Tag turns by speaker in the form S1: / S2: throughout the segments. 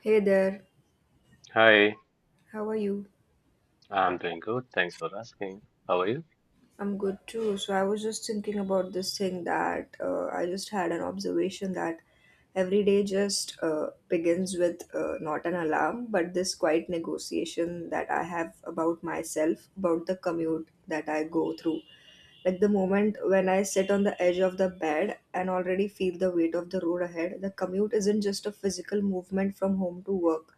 S1: Hey there,
S2: Hi,
S1: how are you?
S2: I'm doing good. Thanks for asking. How are you?
S1: I'm good too. So I was just thinking about this thing that I just had an observation that every day just begins with not an alarm, but this quiet negotiation that I have about myself, about the commute that I go through. Like the moment when I sit on the edge of the bed and already feel the weight of the road ahead, the commute isn't just a physical movement from home to work.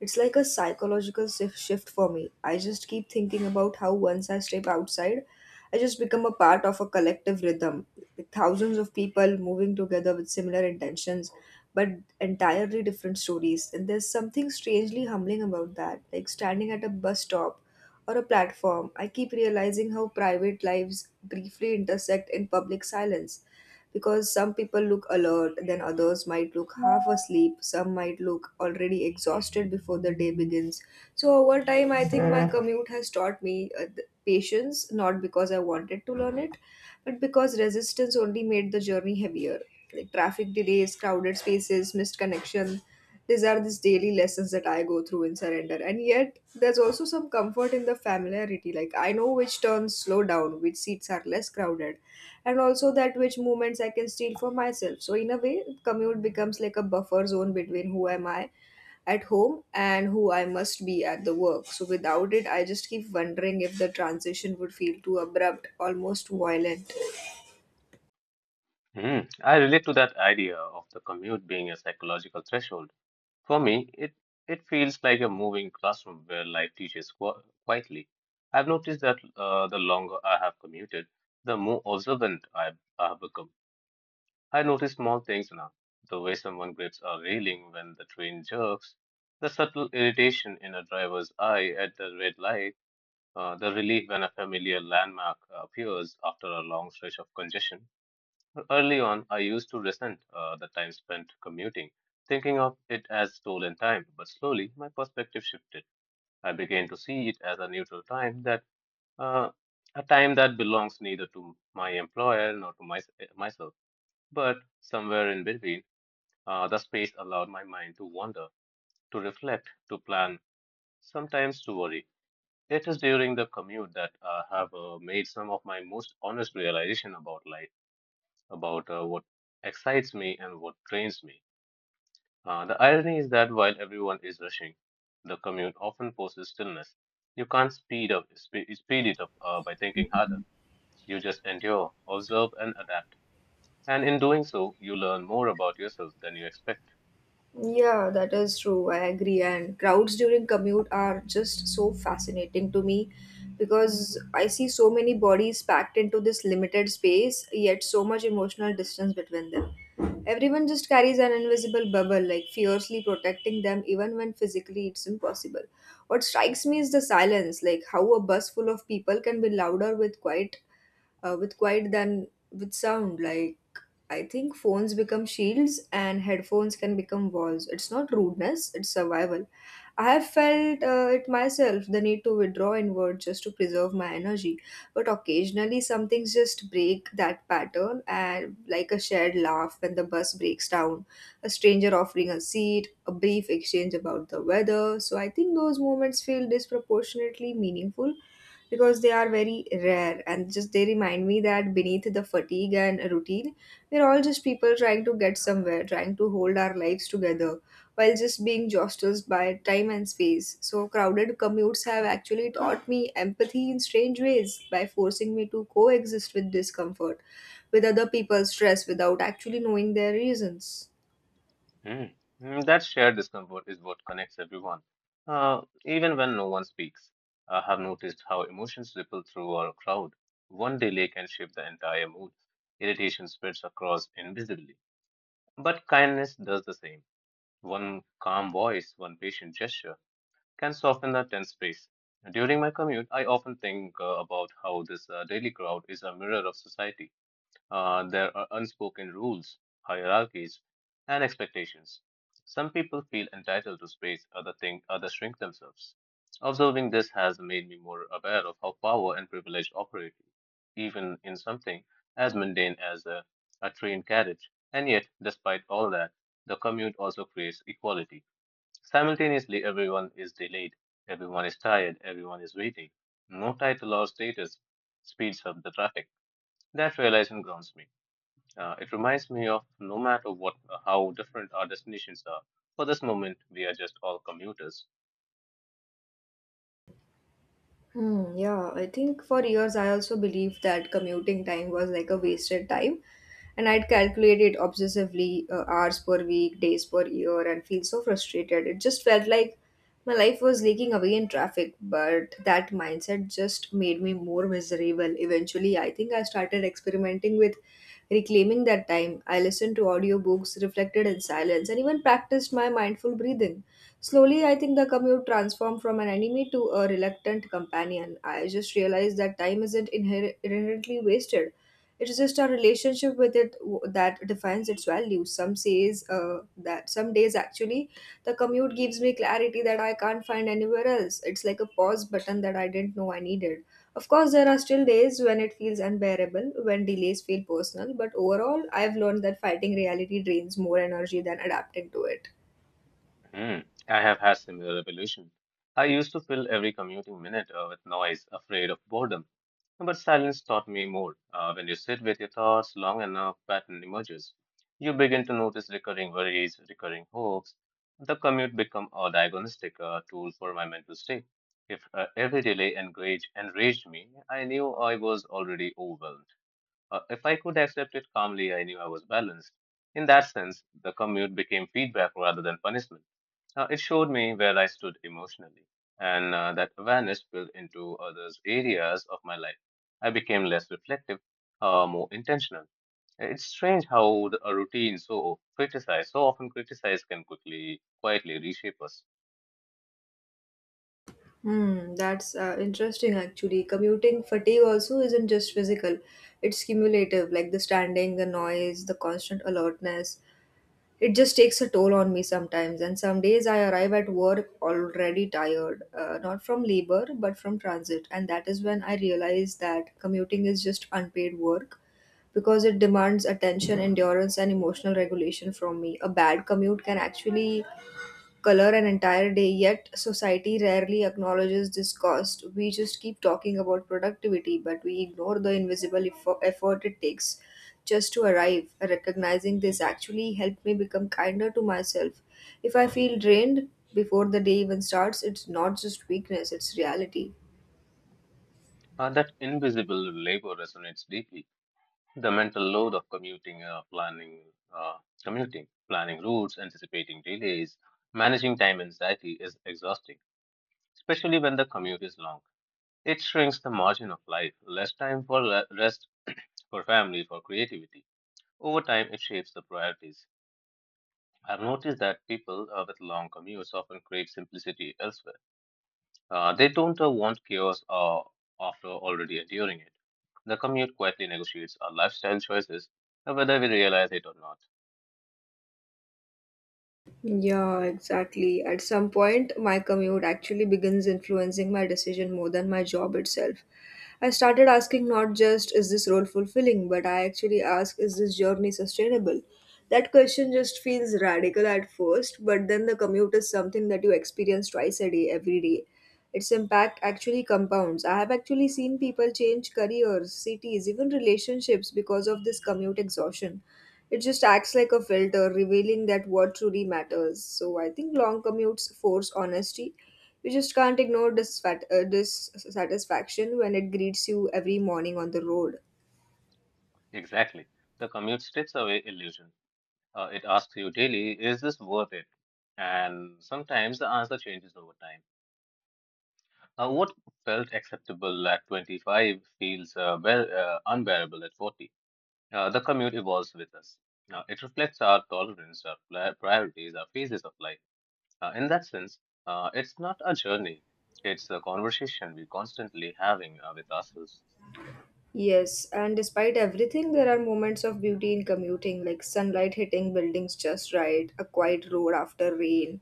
S1: It's like a psychological shift for me. I just keep thinking about how once I step outside, I just become a part of a collective rhythm with thousands of people moving together with similar intentions but entirely different stories. And there's something strangely humbling about that. Like standing at a bus stop or a platform, I keep realizing how private lives briefly intersect in public silence because some people look alert, then others might look half asleep, some might look already exhausted before the day begins. So, over time, I think my commute has taught me patience, not because I wanted to learn it, but because resistance only made the journey heavier. Like traffic delays, crowded spaces, missed connection, these are these daily lessons that I go through in surrender. And yet, there's also some comfort in the familiarity. Like, I know which turns slow down, which seats are less crowded, and also that which movements I can steal for myself. So, in a way, commute becomes like a buffer zone between who am I at home and who I must be at the work. So, without it, I just keep wondering if the transition would feel too abrupt, almost violent.
S2: Mm, I relate to that idea of the commute being a psychological threshold. For me, it feels like a moving classroom where life teaches qu quietly. I've noticed that the longer I have commuted, the more observant I've become. I notice small things now, the way someone grips a railing when the train jerks, the subtle irritation in a driver's eye at the red light. The relief when a familiar landmark appears after a long stretch of congestion. Early on, I used to resent the time spent commuting, thinking of it as stolen time, but slowly my perspective shifted. I began to see it as a neutral time that uh, a time that belongs neither to my employer nor to myself, but somewhere in between, the space allowed my mind to wander, to reflect, to plan, sometimes to worry. It is during the commute that I have made some of my most honest realization about life, about what excites me and what drains me. The irony is that while everyone is rushing, the commute often forces stillness. You can't speed it up by thinking harder. You just endure, observe, and adapt. And in doing so, you learn more about yourself than you expect.
S1: Yeah, that is true. I agree. And crowds during commute are just so fascinating to me because I see so many bodies packed into this limited space, yet so much emotional distance between them. Everyone just carries an invisible bubble, like fiercely protecting them, even when physically it's impossible. What strikes me is the silence, like how a bus full of people can be louder with quiet than with sound. Like I think phones become shields and headphones can become walls. It's not rudeness, it's survival. I have felt it myself, the need to withdraw inward just to preserve my energy. But occasionally, some things just break that pattern, and like a shared laugh when the bus breaks down, a stranger offering a seat, a brief exchange about the weather. So I think those moments feel disproportionately meaningful because they are very rare and just they remind me that beneath the fatigue and routine, we're all just people trying to get somewhere, trying to hold our lives together while just being jostled by time and space. So, crowded commutes have actually taught me empathy in strange ways by forcing me to coexist with discomfort, with other people's stress without actually knowing their reasons.
S2: Mm. Mm, that shared discomfort is what connects everyone, even when no one speaks. I have noticed how emotions ripple through our crowd. One delay can shift the entire mood. Irritation spreads across invisibly, but kindness does the same. One calm voice, one patient gesture can soften the tense space. During my commute, I often think about how this daily crowd is a mirror of society. There are unspoken rules, hierarchies, and expectations. Some people feel entitled to space, other think others shrink themselves. Observing this has made me more aware of how power and privilege operate, even in something as mundane as a train carriage. And yet, despite all that, the commute also creates equality. Simultaneously, everyone is delayed, everyone is tired, everyone is waiting. No title or status speeds up the traffic. That realization grounds me. It reminds me of no matter what, how different our destinations are. For this moment, we are just all commuters.
S1: Hmm, yeah, I think for years I also believed that commuting time was like a wasted time, and I'd calculate it obsessively hours per week, days per year, and feel so frustrated. It just felt like my life was leaking away in traffic, but that mindset just made me more miserable. Eventually, I think I started experimenting with reclaiming that time. I listened to audiobooks, reflected in silence, and even practiced my mindful breathing. Slowly, I think the commute transformed from an enemy to a reluctant companion. I just realized that time isn't inherently wasted. It is just our relationship with it that defines its value. Some says that some days actually, the commute gives me clarity that I can't find anywhere else. It's like a pause button that I didn't know I needed. Of course, there are still days when it feels unbearable, when delays feel personal. But overall, I've learned that fighting reality drains more energy than adapting to it.
S2: Hmm. I have had similar revelation. I used to fill every commuting minute with noise, afraid of boredom. But silence taught me more. When you sit with your thoughts long enough, pattern emerges. You begin to notice recurring worries, recurring hopes. The commute become a diagnostic tool for my mental state. If every enraged me, I knew I was already overwhelmed. If I could accept it calmly, I knew I was balanced. In that sense, the commute became feedback rather than punishment. It showed me where I stood emotionally, and that awareness spilled into other areas of my life. I became less reflective, more intentional. It's strange how a routine so criticized, so often criticized, can quickly, quietly reshape us.
S1: Hmm, that's interesting actually. Commuting fatigue also isn't just physical, it's cumulative, like the standing, the noise, the constant alertness. It just takes a toll on me sometimes, and some days I arrive at work already tired, not from labor but from transit. And that is when I realize that commuting is just unpaid work because it demands attention, endurance, and emotional regulation from me. A bad commute can actually color an entire day, yet society rarely acknowledges this cost. We just keep talking about productivity, but we ignore the invisible effort it takes just to arrive. Recognizing this actually helped me become kinder to myself. If I feel drained before the day even starts, it's not just weakness, it's reality.
S2: That invisible labor resonates deeply. The mental load of uh, commuting, planning routes, anticipating delays, managing time anxiety is exhausting, especially when the commute is long. It shrinks the margin of life, less time for rest, for family, for creativity. Over time, it shapes the priorities. I've noticed that people with long commutes often crave simplicity elsewhere. They don't want chaos after already enduring it. The commute quietly negotiates our lifestyle choices, whether we realize it or not.
S1: Yeah, exactly. At some point, my commute actually begins influencing my decision more than my job itself. I started asking not just is this role fulfilling, but I actually ask is this journey sustainable? That question just feels radical at first, but then the commute is something that you experience twice a day, every day. Its impact actually compounds. I have actually seen people change careers, cities, even relationships because of this commute exhaustion. It just acts like a filter, revealing that what truly matters. So I think long commutes force honesty. You just can't ignore dissatisfaction when it greets you every morning on the road.
S2: Exactly. The commute strips away illusion. It asks you daily, is this worth it? And sometimes the answer changes over time. What felt acceptable at 25 feels well, unbearable at 40. The commute evolves with us. Now, it reflects our tolerance, our priorities, our phases of life. In that sense, it's not a journey, it's a conversation we're constantly having with ourselves.
S1: Yes, and despite everything, there are moments of beauty in commuting, like sunlight hitting buildings just right, a quiet road after rain,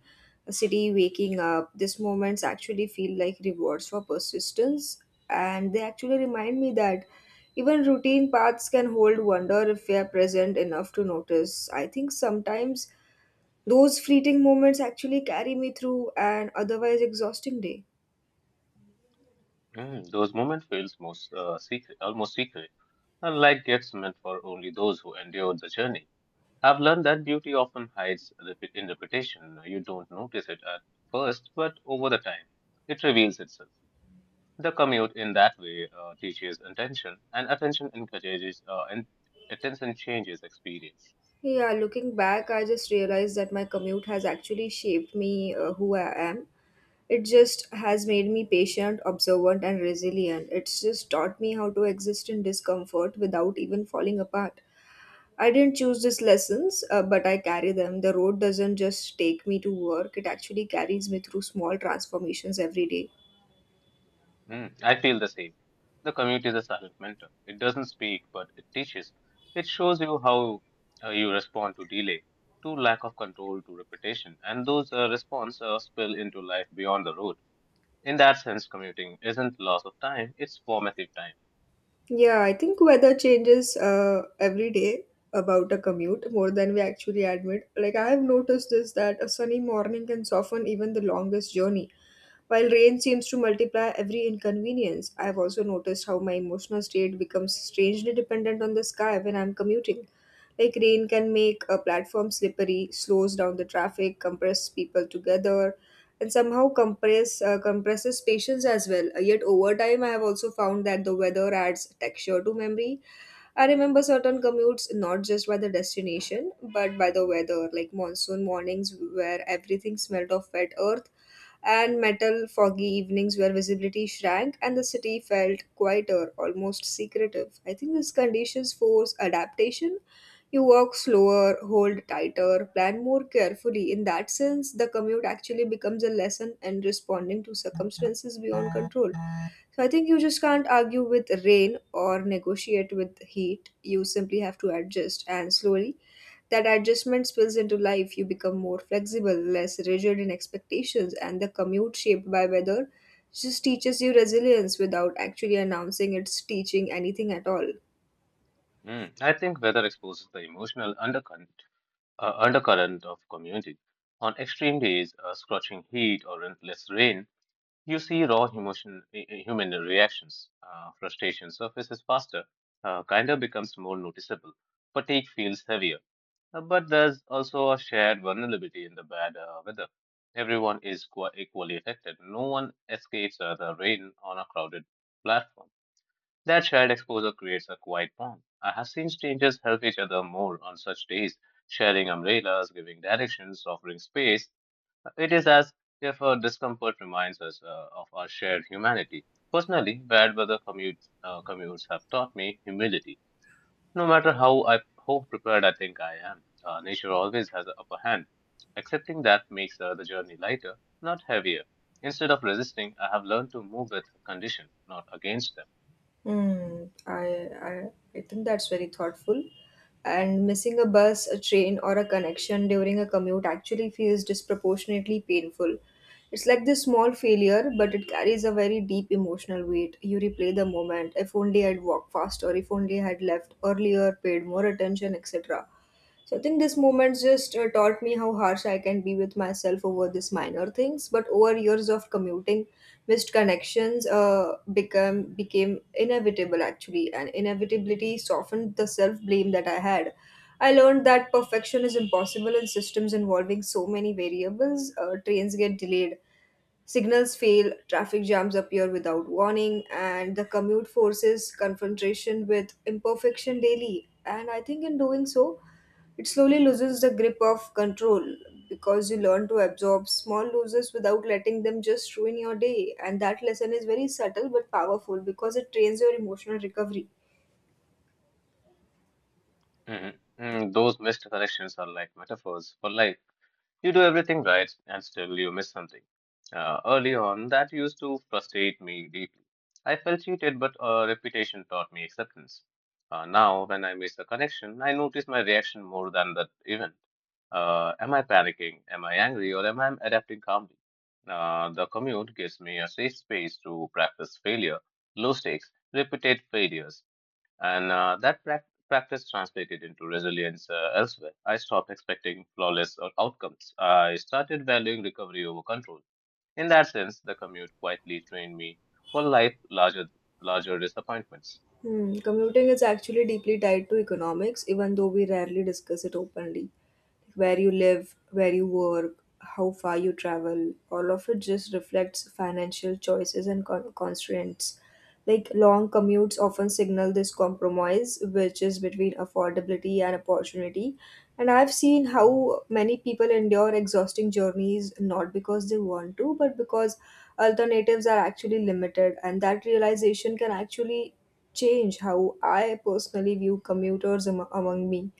S1: a city waking up. These moments actually feel like rewards for persistence, and they actually remind me that even routine paths can hold wonder if we are present enough to notice. I think sometimes those fleeting moments actually carry me through an otherwise exhausting day.
S2: Mm, those moments feels most secret, almost secret, and like gifts meant for only those who endure the journey. I've learned that beauty often hides in reputation. You don't notice it at first, but over the time, it reveals itself. The commute in that way teaches attention, and attention encourages , and attention changes experience.
S1: Yeah, looking back, I just realized that my commute has actually shaped me who I am. It just has made me patient, observant, and resilient. It's just taught me how to exist in discomfort without even falling apart. I didn't choose these lessons, but I carry them. The road doesn't just take me to work, it actually carries me through small transformations every day.
S2: Mm, I feel the same. The commute is a silent mentor. It doesn't speak, but it teaches. It shows you how you respond to delay, to lack of control, to repetition, and those responses spill into life beyond the road. In that sense, commuting isn't loss of time; it's formative time.
S1: Yeah, I think weather changes every day about a commute more than we actually admit. Like, I have noticed this that a sunny morning can soften even the longest journey, while rain seems to multiply every inconvenience. I have also noticed how my emotional state becomes strangely dependent on the sky when I'm commuting. Like rain can make a platform slippery, slows down the traffic, compress people together, and somehow compresses patience as well. Yet over time, I have also found that the weather adds texture to memory. I remember certain commutes not just by the destination, but by the weather, like monsoon mornings where everything smelled of wet earth, and metal foggy evenings where visibility shrank and the city felt quieter, almost secretive. I think these conditions force adaptation. You walk slower, hold tighter, plan more carefully. In that sense, the commute actually becomes a lesson in responding to circumstances beyond control. So I think you just can't argue with rain or negotiate with heat. You simply have to adjust, and slowly that adjustment spills into life. You become more flexible, less rigid in expectations, and the commute shaped by weather just teaches you resilience without actually announcing it's teaching anything at all.
S2: Mm, I think weather exposes the emotional undercurrent, undercurrent of commuting. On extreme days, scorching heat or relentless rain. You see raw emotion, human reactions. Frustration surfaces faster, of becomes more noticeable, fatigue feels heavier. But there's also a shared vulnerability in the bad weather. Everyone is equally affected. No one escapes the rain on a crowded platform. That shared exposure creates a quiet bond. I have seen strangers help each other more on such days, sharing umbrellas, giving directions, offering space. It is as if our discomfort reminds us of our shared humanity. Personally, commutes have taught me humility. No matter how prepared I think I am, nature always has the upper hand. Accepting that makes the journey lighter, not heavier. Instead of resisting, I have learned to move with condition, not against them.
S1: Hmm. I think that's very thoughtful. And missing a bus, a train, or a connection during a commute actually feels disproportionately painful. It's like this small failure, but it carries a very deep emotional weight. You replay the moment. If only I'd walked faster, if only I had left earlier, paid more attention, etc. So I think this moment just taught me how harsh I can be with myself over these minor things. But over years of commuting, missed connections become became inevitable actually, and inevitability softened the self-blame that I had. I learned that perfection is impossible in systems involving so many variables. Trains get delayed, signals fail, traffic jams appear without warning, and the commute forces confrontation with imperfection daily. And I think in doing so, it slowly loses the grip of control because you learn to absorb small losses without letting them just ruin your day. And that lesson is very subtle but powerful because it trains your emotional recovery.
S2: Mhm. Mm, those missed connections are like metaphors for life. You do everything right and still you miss something. Early on, that used to frustrate me deeply. I felt cheated, but reputation taught me acceptance. Now, when I miss a connection, I notice my reaction more than that event. Am I panicking? Am I angry? Or am I adapting calmly? The commute gives me a safe space to practice failure, low stakes, repeated failures. And that practice translated into resilience elsewhere. I stopped expecting flawless outcomes. I started valuing recovery over control. In that sense, the commute quietly trained me for larger disappointments.
S1: Hmm. Commuting is actually deeply tied to economics, even though we rarely discuss it openly. Like, where you live, where you work, how far you travel, all of it just reflects financial choices and constraints. Like long commutes often signal this compromise, which is between affordability and opportunity. And I've seen how many people endure exhausting journeys not because they want to, but because alternatives are actually limited. And that realization can actually change how I personally view commuters among me.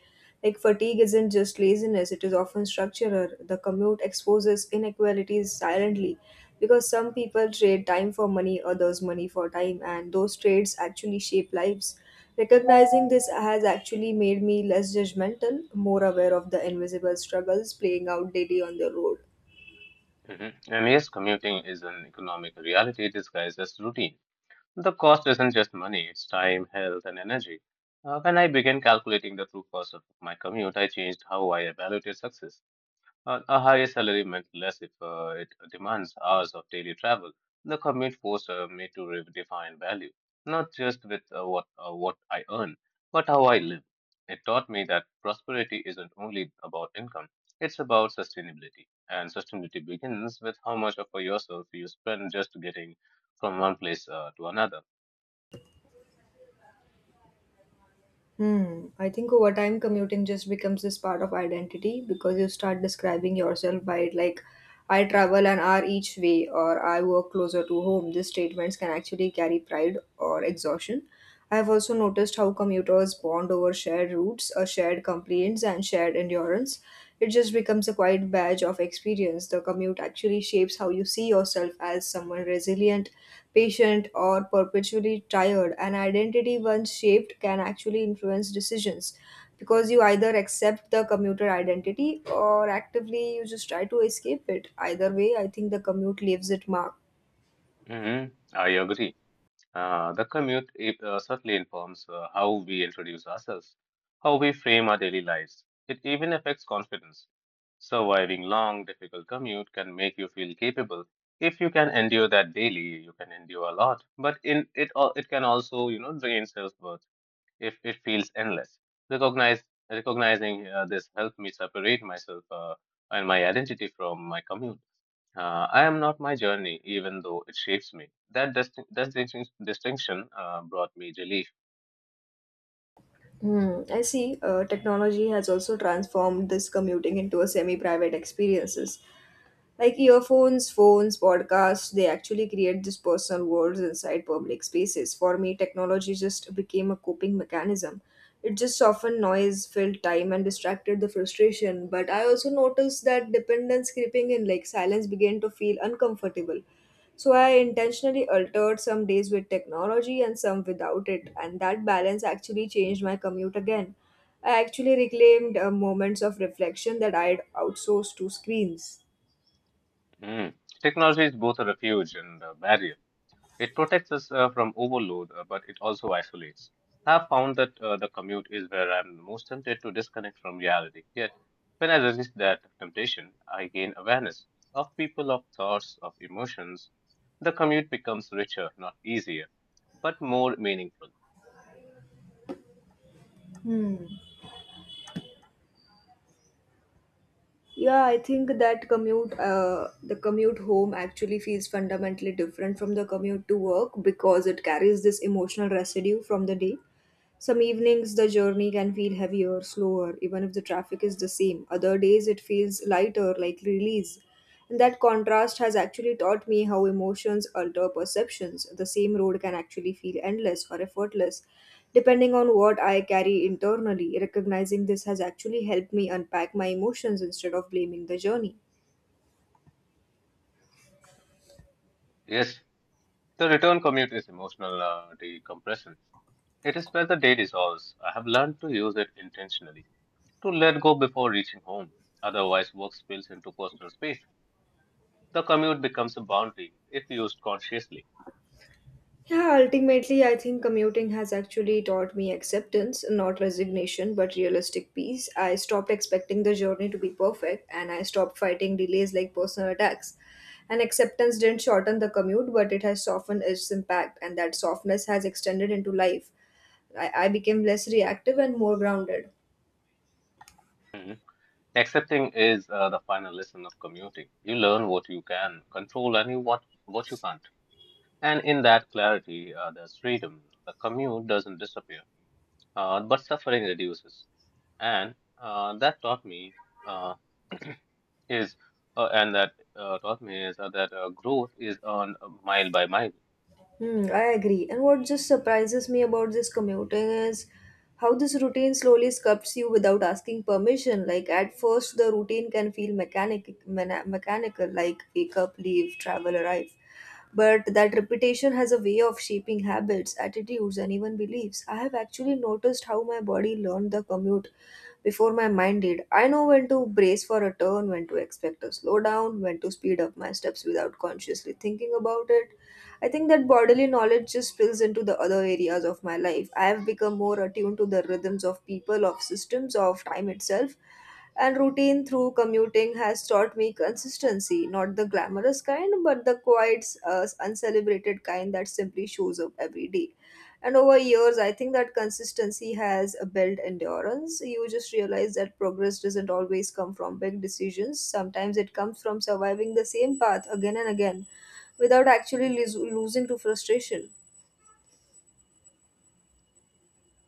S1: Like, fatigue isn't just laziness, it is often structural. The commute exposes inequalities silently because some people trade time for money, others money for time, and those trades actually shape lives. Recognizing this has actually made me less judgmental, more aware of the invisible struggles playing out daily on the road.
S2: Hmm. And yes, commuting is an economic reality disguised as routine. The cost isn't just money, it's time, health, and energy. When I began calculating the true cost of my commute, I changed how I evaluated success. A higher salary meant less if it demands hours of daily travel. The commute forced me to redefine value, not just with what I earn, but how I live. It taught me that prosperity isn't only about income; it's about sustainability, and sustainability begins with how much of yourself you spend just getting from one place to another.
S1: Hmm. I think over time, commuting just becomes this part of identity because you start describing yourself by it, like, I travel an hour each way, or I work closer to home. These statements can actually carry pride or exhaustion. I have also noticed how commuters bond over shared routes, or shared complaints, and shared endurance. It just becomes a quiet badge of experience. The commute actually shapes how you see yourself as someone resilient, patient, or perpetually tired. An identity once shaped can actually influence decisions because you either accept the commuter identity or actively you just try to escape it. Either way, I think the commute leaves it marked.
S2: Hmm. I agree. The commute certainly informs how we introduce ourselves, how we frame our daily lives. It even affects confidence. Surviving long, difficult commute can make you feel capable. If you can endure that daily, you can endure a lot. But in it, it can also, you know, drain self-worth if it feels endless. Recognize, Recognizing this helped me separate myself and my identity from my commute. I am not my journey, even though it shapes me. That distinction brought me relief.
S1: Hmm, I see. Technology has also transformed this commuting into a semi-private experiences. Like earphones, phones, podcasts, they actually create these personal worlds inside public spaces. For me, technology just became a coping mechanism. It just softened noise, filled time, and distracted the frustration. But I also noticed that dependence creeping in, like silence began to feel uncomfortable. So I intentionally altered some days with technology and some without it, and that balance actually changed my commute again. I actually reclaimed moments of reflection that I had outsourced to screens.
S2: Mm. Technology is both a refuge and a barrier. It protects us from overload, but it also isolates. I've found that the commute is where I'm most tempted to disconnect from reality. Yet, when I resist that temptation, I gain awareness of people, of thoughts, of emotions. The commute becomes richer, not easier, but more meaningful.
S1: Hmm. Yeah, I think that commute, the commute home actually feels fundamentally different from the commute to work because it carries this emotional residue from the day. Some evenings the journey can feel heavier, slower, even if the traffic is the same. Other days it feels lighter, like release. And that contrast has actually taught me how emotions alter perceptions. The same road can actually feel endless or effortless, depending on what I carry internally. Recognizing this has actually helped me unpack my emotions instead of blaming the journey.
S2: Yes, the return commute is emotional decompression. It is where the day dissolves. I have learned to use it intentionally, to let go before reaching home. Otherwise, work spills into personal space. The commute becomes a boundary if used consciously.
S1: Yeah, ultimately, I think commuting has actually taught me acceptance, not resignation, but realistic peace. I stopped expecting the journey to be perfect and I stopped fighting delays like personal attacks. And acceptance didn't shorten the commute, but it has softened its impact, and that softness has extended into life. I became less reactive and more grounded.
S2: Mhm. Accepting is the final lesson of commuting. You learn what you can control and you what you can't. And in that clarity, there's freedom. The commute doesn't disappear, but suffering reduces. And that taught me uh, is and that taught me is that growth is on mile by mile.
S1: Hmm, I agree. And what just surprises me about this commuting is how this routine slowly sculpts you without asking permission. Like at first, the routine can feel mechanic, mechanical, like wake up, leave, travel, arrive. But that repetition has a way of shaping habits, attitudes, and even beliefs. I have actually noticed how my body learned the commute before my mind did. I know when to brace for a turn, when to expect a slowdown, when to speed up my steps without consciously thinking about it. I think that bodily knowledge just spills into the other areas of my life. I have become more attuned to the rhythms of people, of systems, of time itself. And routine through commuting has taught me consistency, not the glamorous kind, but the quiet, uncelebrated kind that simply shows up every day. And over years, I think that consistency has built endurance. You just realize that progress doesn't always come from big decisions. Sometimes it comes from surviving the same path again and again without actually losing to frustration.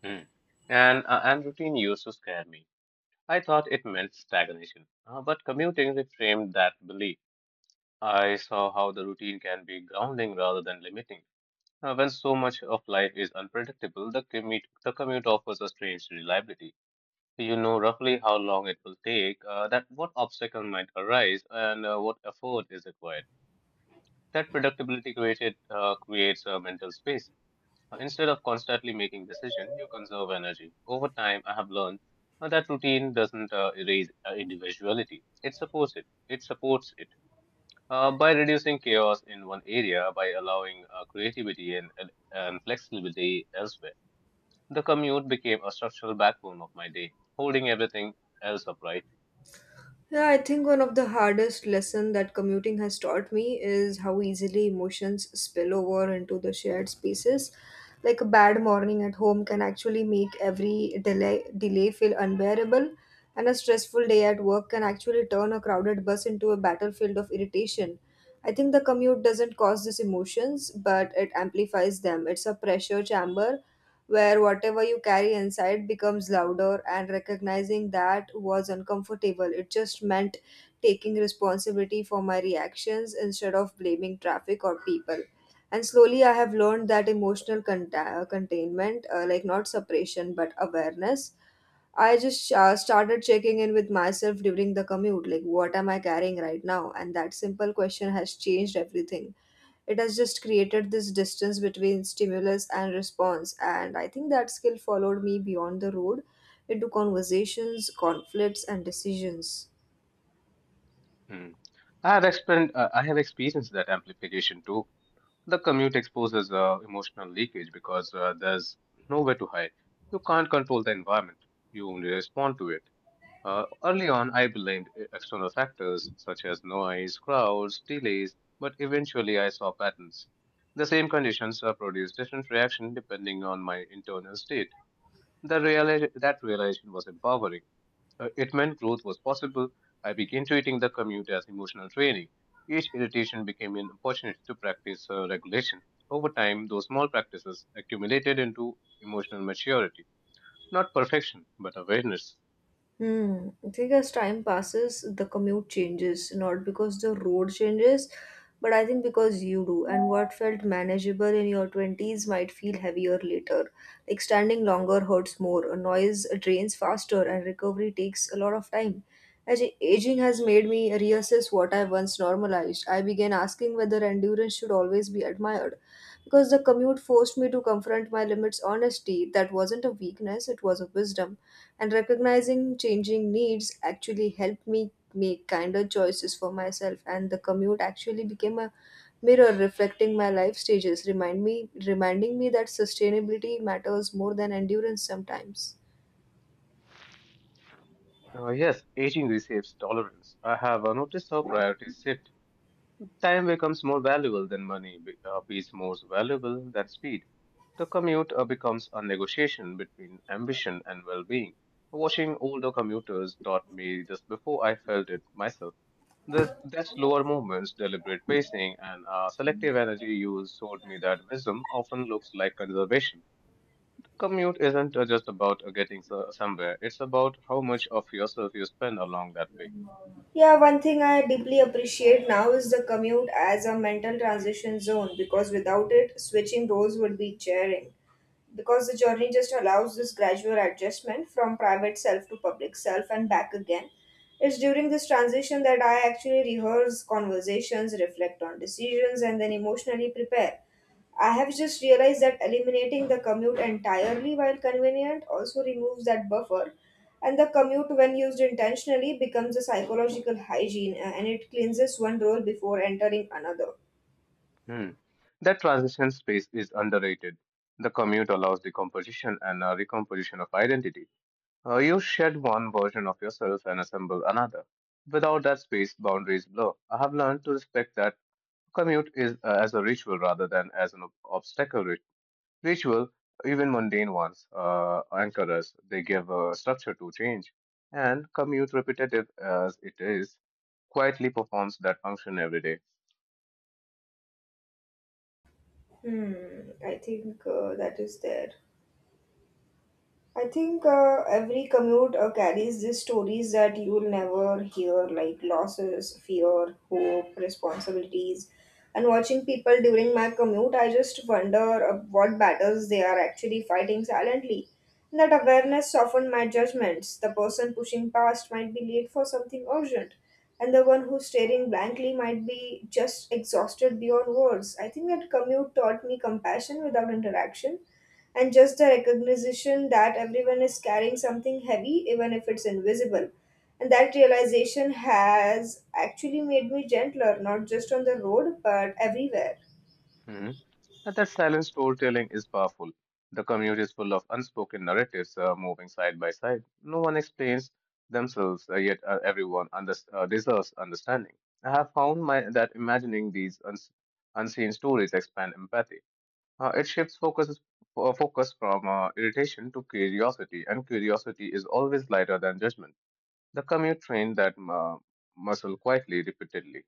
S2: Mm. And routine used to scare me. I thought it meant stagnation, but commuting reframed that belief. I saw how the routine can be grounding rather than limiting. When so much of life is unpredictable, the commute offers a strange reliability. You know roughly how long it will take, that what obstacle might arise, and what effort is required. That predictability created creates a mental space. Instead of constantly making decisions, you conserve energy. Over time, I have learned that routine doesn't erase individuality. It supports it. By reducing chaos in one area, by allowing creativity and flexibility elsewhere. The commute became a structural backbone of my day, holding everything else upright.
S1: Yeah, I think one of the hardest lesson that commuting has taught me is how easily emotions spill over into the shared spaces. Like a bad morning at home can actually make every delay feel unbearable, and a stressful day at work can actually turn a crowded bus into a battlefield of irritation. I think the commute doesn't cause these emotions, but it amplifies them. It's a pressure chamber where whatever you carry inside becomes louder, and recognizing that was uncomfortable. It just meant taking responsibility for my reactions instead of blaming traffic or people. And slowly, I have learned that emotional containment, like not suppression, but awareness, I just started checking in with myself during the commute, like what am I carrying right now? And that simple question has changed everything. It has just created this distance between stimulus and response. And I think that skill followed me beyond the road into conversations, conflicts, and decisions.
S2: Hmm. I have experienced that amplification too. The commute exposes emotional leakage because there's nowhere to hide. You can't control the environment, you only respond to it. Early on, I blamed external factors such as noise, crowds, delays, but eventually I saw patterns. The same conditions produce different reactions depending on my internal state. That realization was empowering. It meant growth was possible. I began treating the commute as emotional training. Each irritation became an opportunity to practice regulation. Over time, those small practices accumulated into emotional maturity. Not perfection, but awareness.
S1: Hmm. I think as time passes, the commute changes, not because the road changes, but I think because you do. And what felt manageable in your 20s might feel heavier later. Like standing longer hurts more, a noise drains faster, and recovery takes a lot of time. Aging has made me reassess what I once normalized, I began asking whether endurance should always be admired. Because the commute forced me to confront my limits honestly. That wasn't a weakness, it was a wisdom, and recognizing changing needs actually helped me make kinder choices for myself, and the commute actually became a mirror reflecting my life stages, reminding me that sustainability matters more than endurance sometimes.
S2: Yes, aging reshapes tolerance. I have noticed how priorities shift. Time becomes more valuable than money, is more valuable than speed. The commute becomes a negotiation between ambition and well being. Watching older commuters taught me just before I felt it myself. That slower movements, deliberate pacing, and selective energy use showed me that wisdom often looks like conservation. Commute isn't just about getting somewhere, it's about how much of yourself you spend along that way.
S1: Yeah, one thing I deeply appreciate now is the commute as a mental transition zone because without it, switching roles would be jarring, because the journey just allows this gradual adjustment from private self to public self and back again. It's during this transition that I actually rehearse conversations, reflect on decisions, and then emotionally prepare. I have just realized that eliminating the commute entirely, while convenient, also removes that buffer. And the commute, when used intentionally, becomes a psychological hygiene, and it cleanses one role before entering another.
S2: Hmm. That transition space is underrated. The commute allows decomposition and a recomposition of identity. You shed one version of yourself and assemble another. Without that space, boundaries blur. I have learned to respect that commute is as a ritual rather than as an obstacle. Ritual, even mundane ones, anchor us. They give a structure to change. And commute, repetitive as it is, quietly performs that function every day.
S1: Hmm, I think that is there. I think every commute carries these stories that you will never hear, like losses, fear, hope, responsibilities. And watching people during my commute, I just wonder what battles they are actually fighting silently. And that awareness softened my judgments. The person pushing past might be late for something urgent, and the one who's staring blankly might be just exhausted beyond words. I think that commute taught me compassion without interaction, and just a recognition that everyone is carrying something heavy, even if it's invisible. And that realization has actually made me gentler, not just on the road, but everywhere.
S2: Hmm. And that silent storytelling is powerful. The commute is full of unspoken narratives moving side by side. No one explains themselves, yet everyone deserves understanding. I have found that imagining these unseen stories expand empathy. It shifts focus, focus from irritation to curiosity, and curiosity is always lighter than judgment. The commute trained that muscle quietly, repeatedly.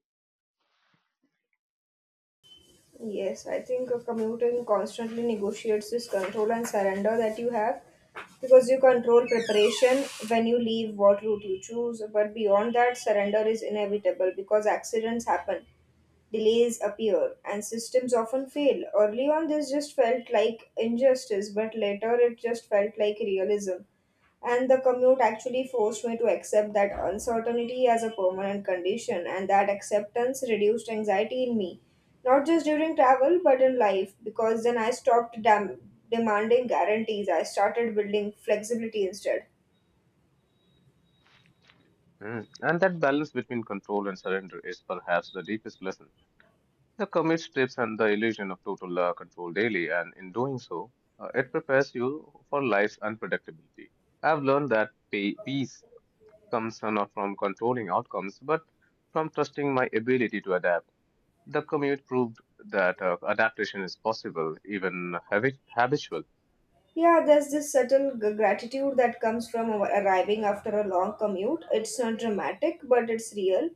S1: Yes, I think a commuting constantly negotiates this control and surrender that you have, because you control preparation when you leave, what route you choose. But beyond that, surrender is inevitable because accidents happen, delays appear, and systems often fail. Early on, this just felt like injustice, but later it just felt like realism. And the commute actually forced me to accept that uncertainty as a permanent condition, and that acceptance reduced anxiety in me, not just during travel but in life, because then I stopped demanding guarantees. I started building flexibility instead.
S2: Mm. And that balance between control and surrender is perhaps the deepest lesson. The commit strips and the illusion of total control daily, and in doing so, it prepares you for life's unpredictability. I've learned that peace comes not from controlling outcomes, but from trusting my ability to adapt. The commute proved that adaptation is possible, even habitual.
S1: Yeah, there's this subtle gratitude that comes from our arriving after a long commute. It's not dramatic, but it's real.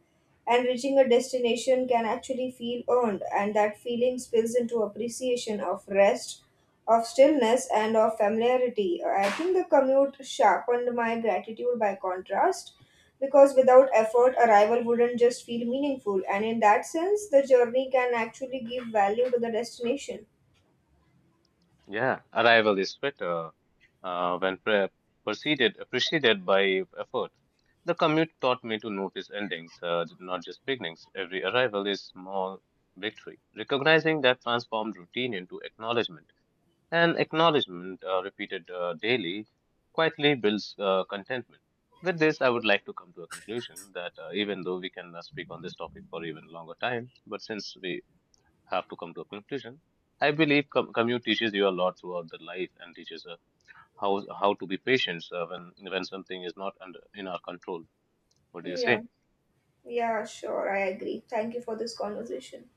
S1: And reaching a destination can actually feel earned, and that feeling spills into appreciation of rest, of stillness, and of familiarity. I think the commute sharpened my gratitude by contrast, because without effort, arrival wouldn't just feel meaningful. And in that sense, the journey can actually give value to the destination.
S2: Yeah, arrival is better when preceded by effort. The commute taught me to notice endings, not just beginnings. Every arrival is small victory. Recognizing that transformed routine into acknowledgement, and acknowledgement repeated daily quietly builds contentment. With this, I would like to come to a conclusion that even though we can speak on this topic for even longer time, but since we have to come to a conclusion. I believe commute teaches you a lot throughout the life and teaches how to be patient when something is not under in our control. What do you
S1: Yeah.
S2: say?
S1: Yeah, sure, I agree. Thank you for this conversation.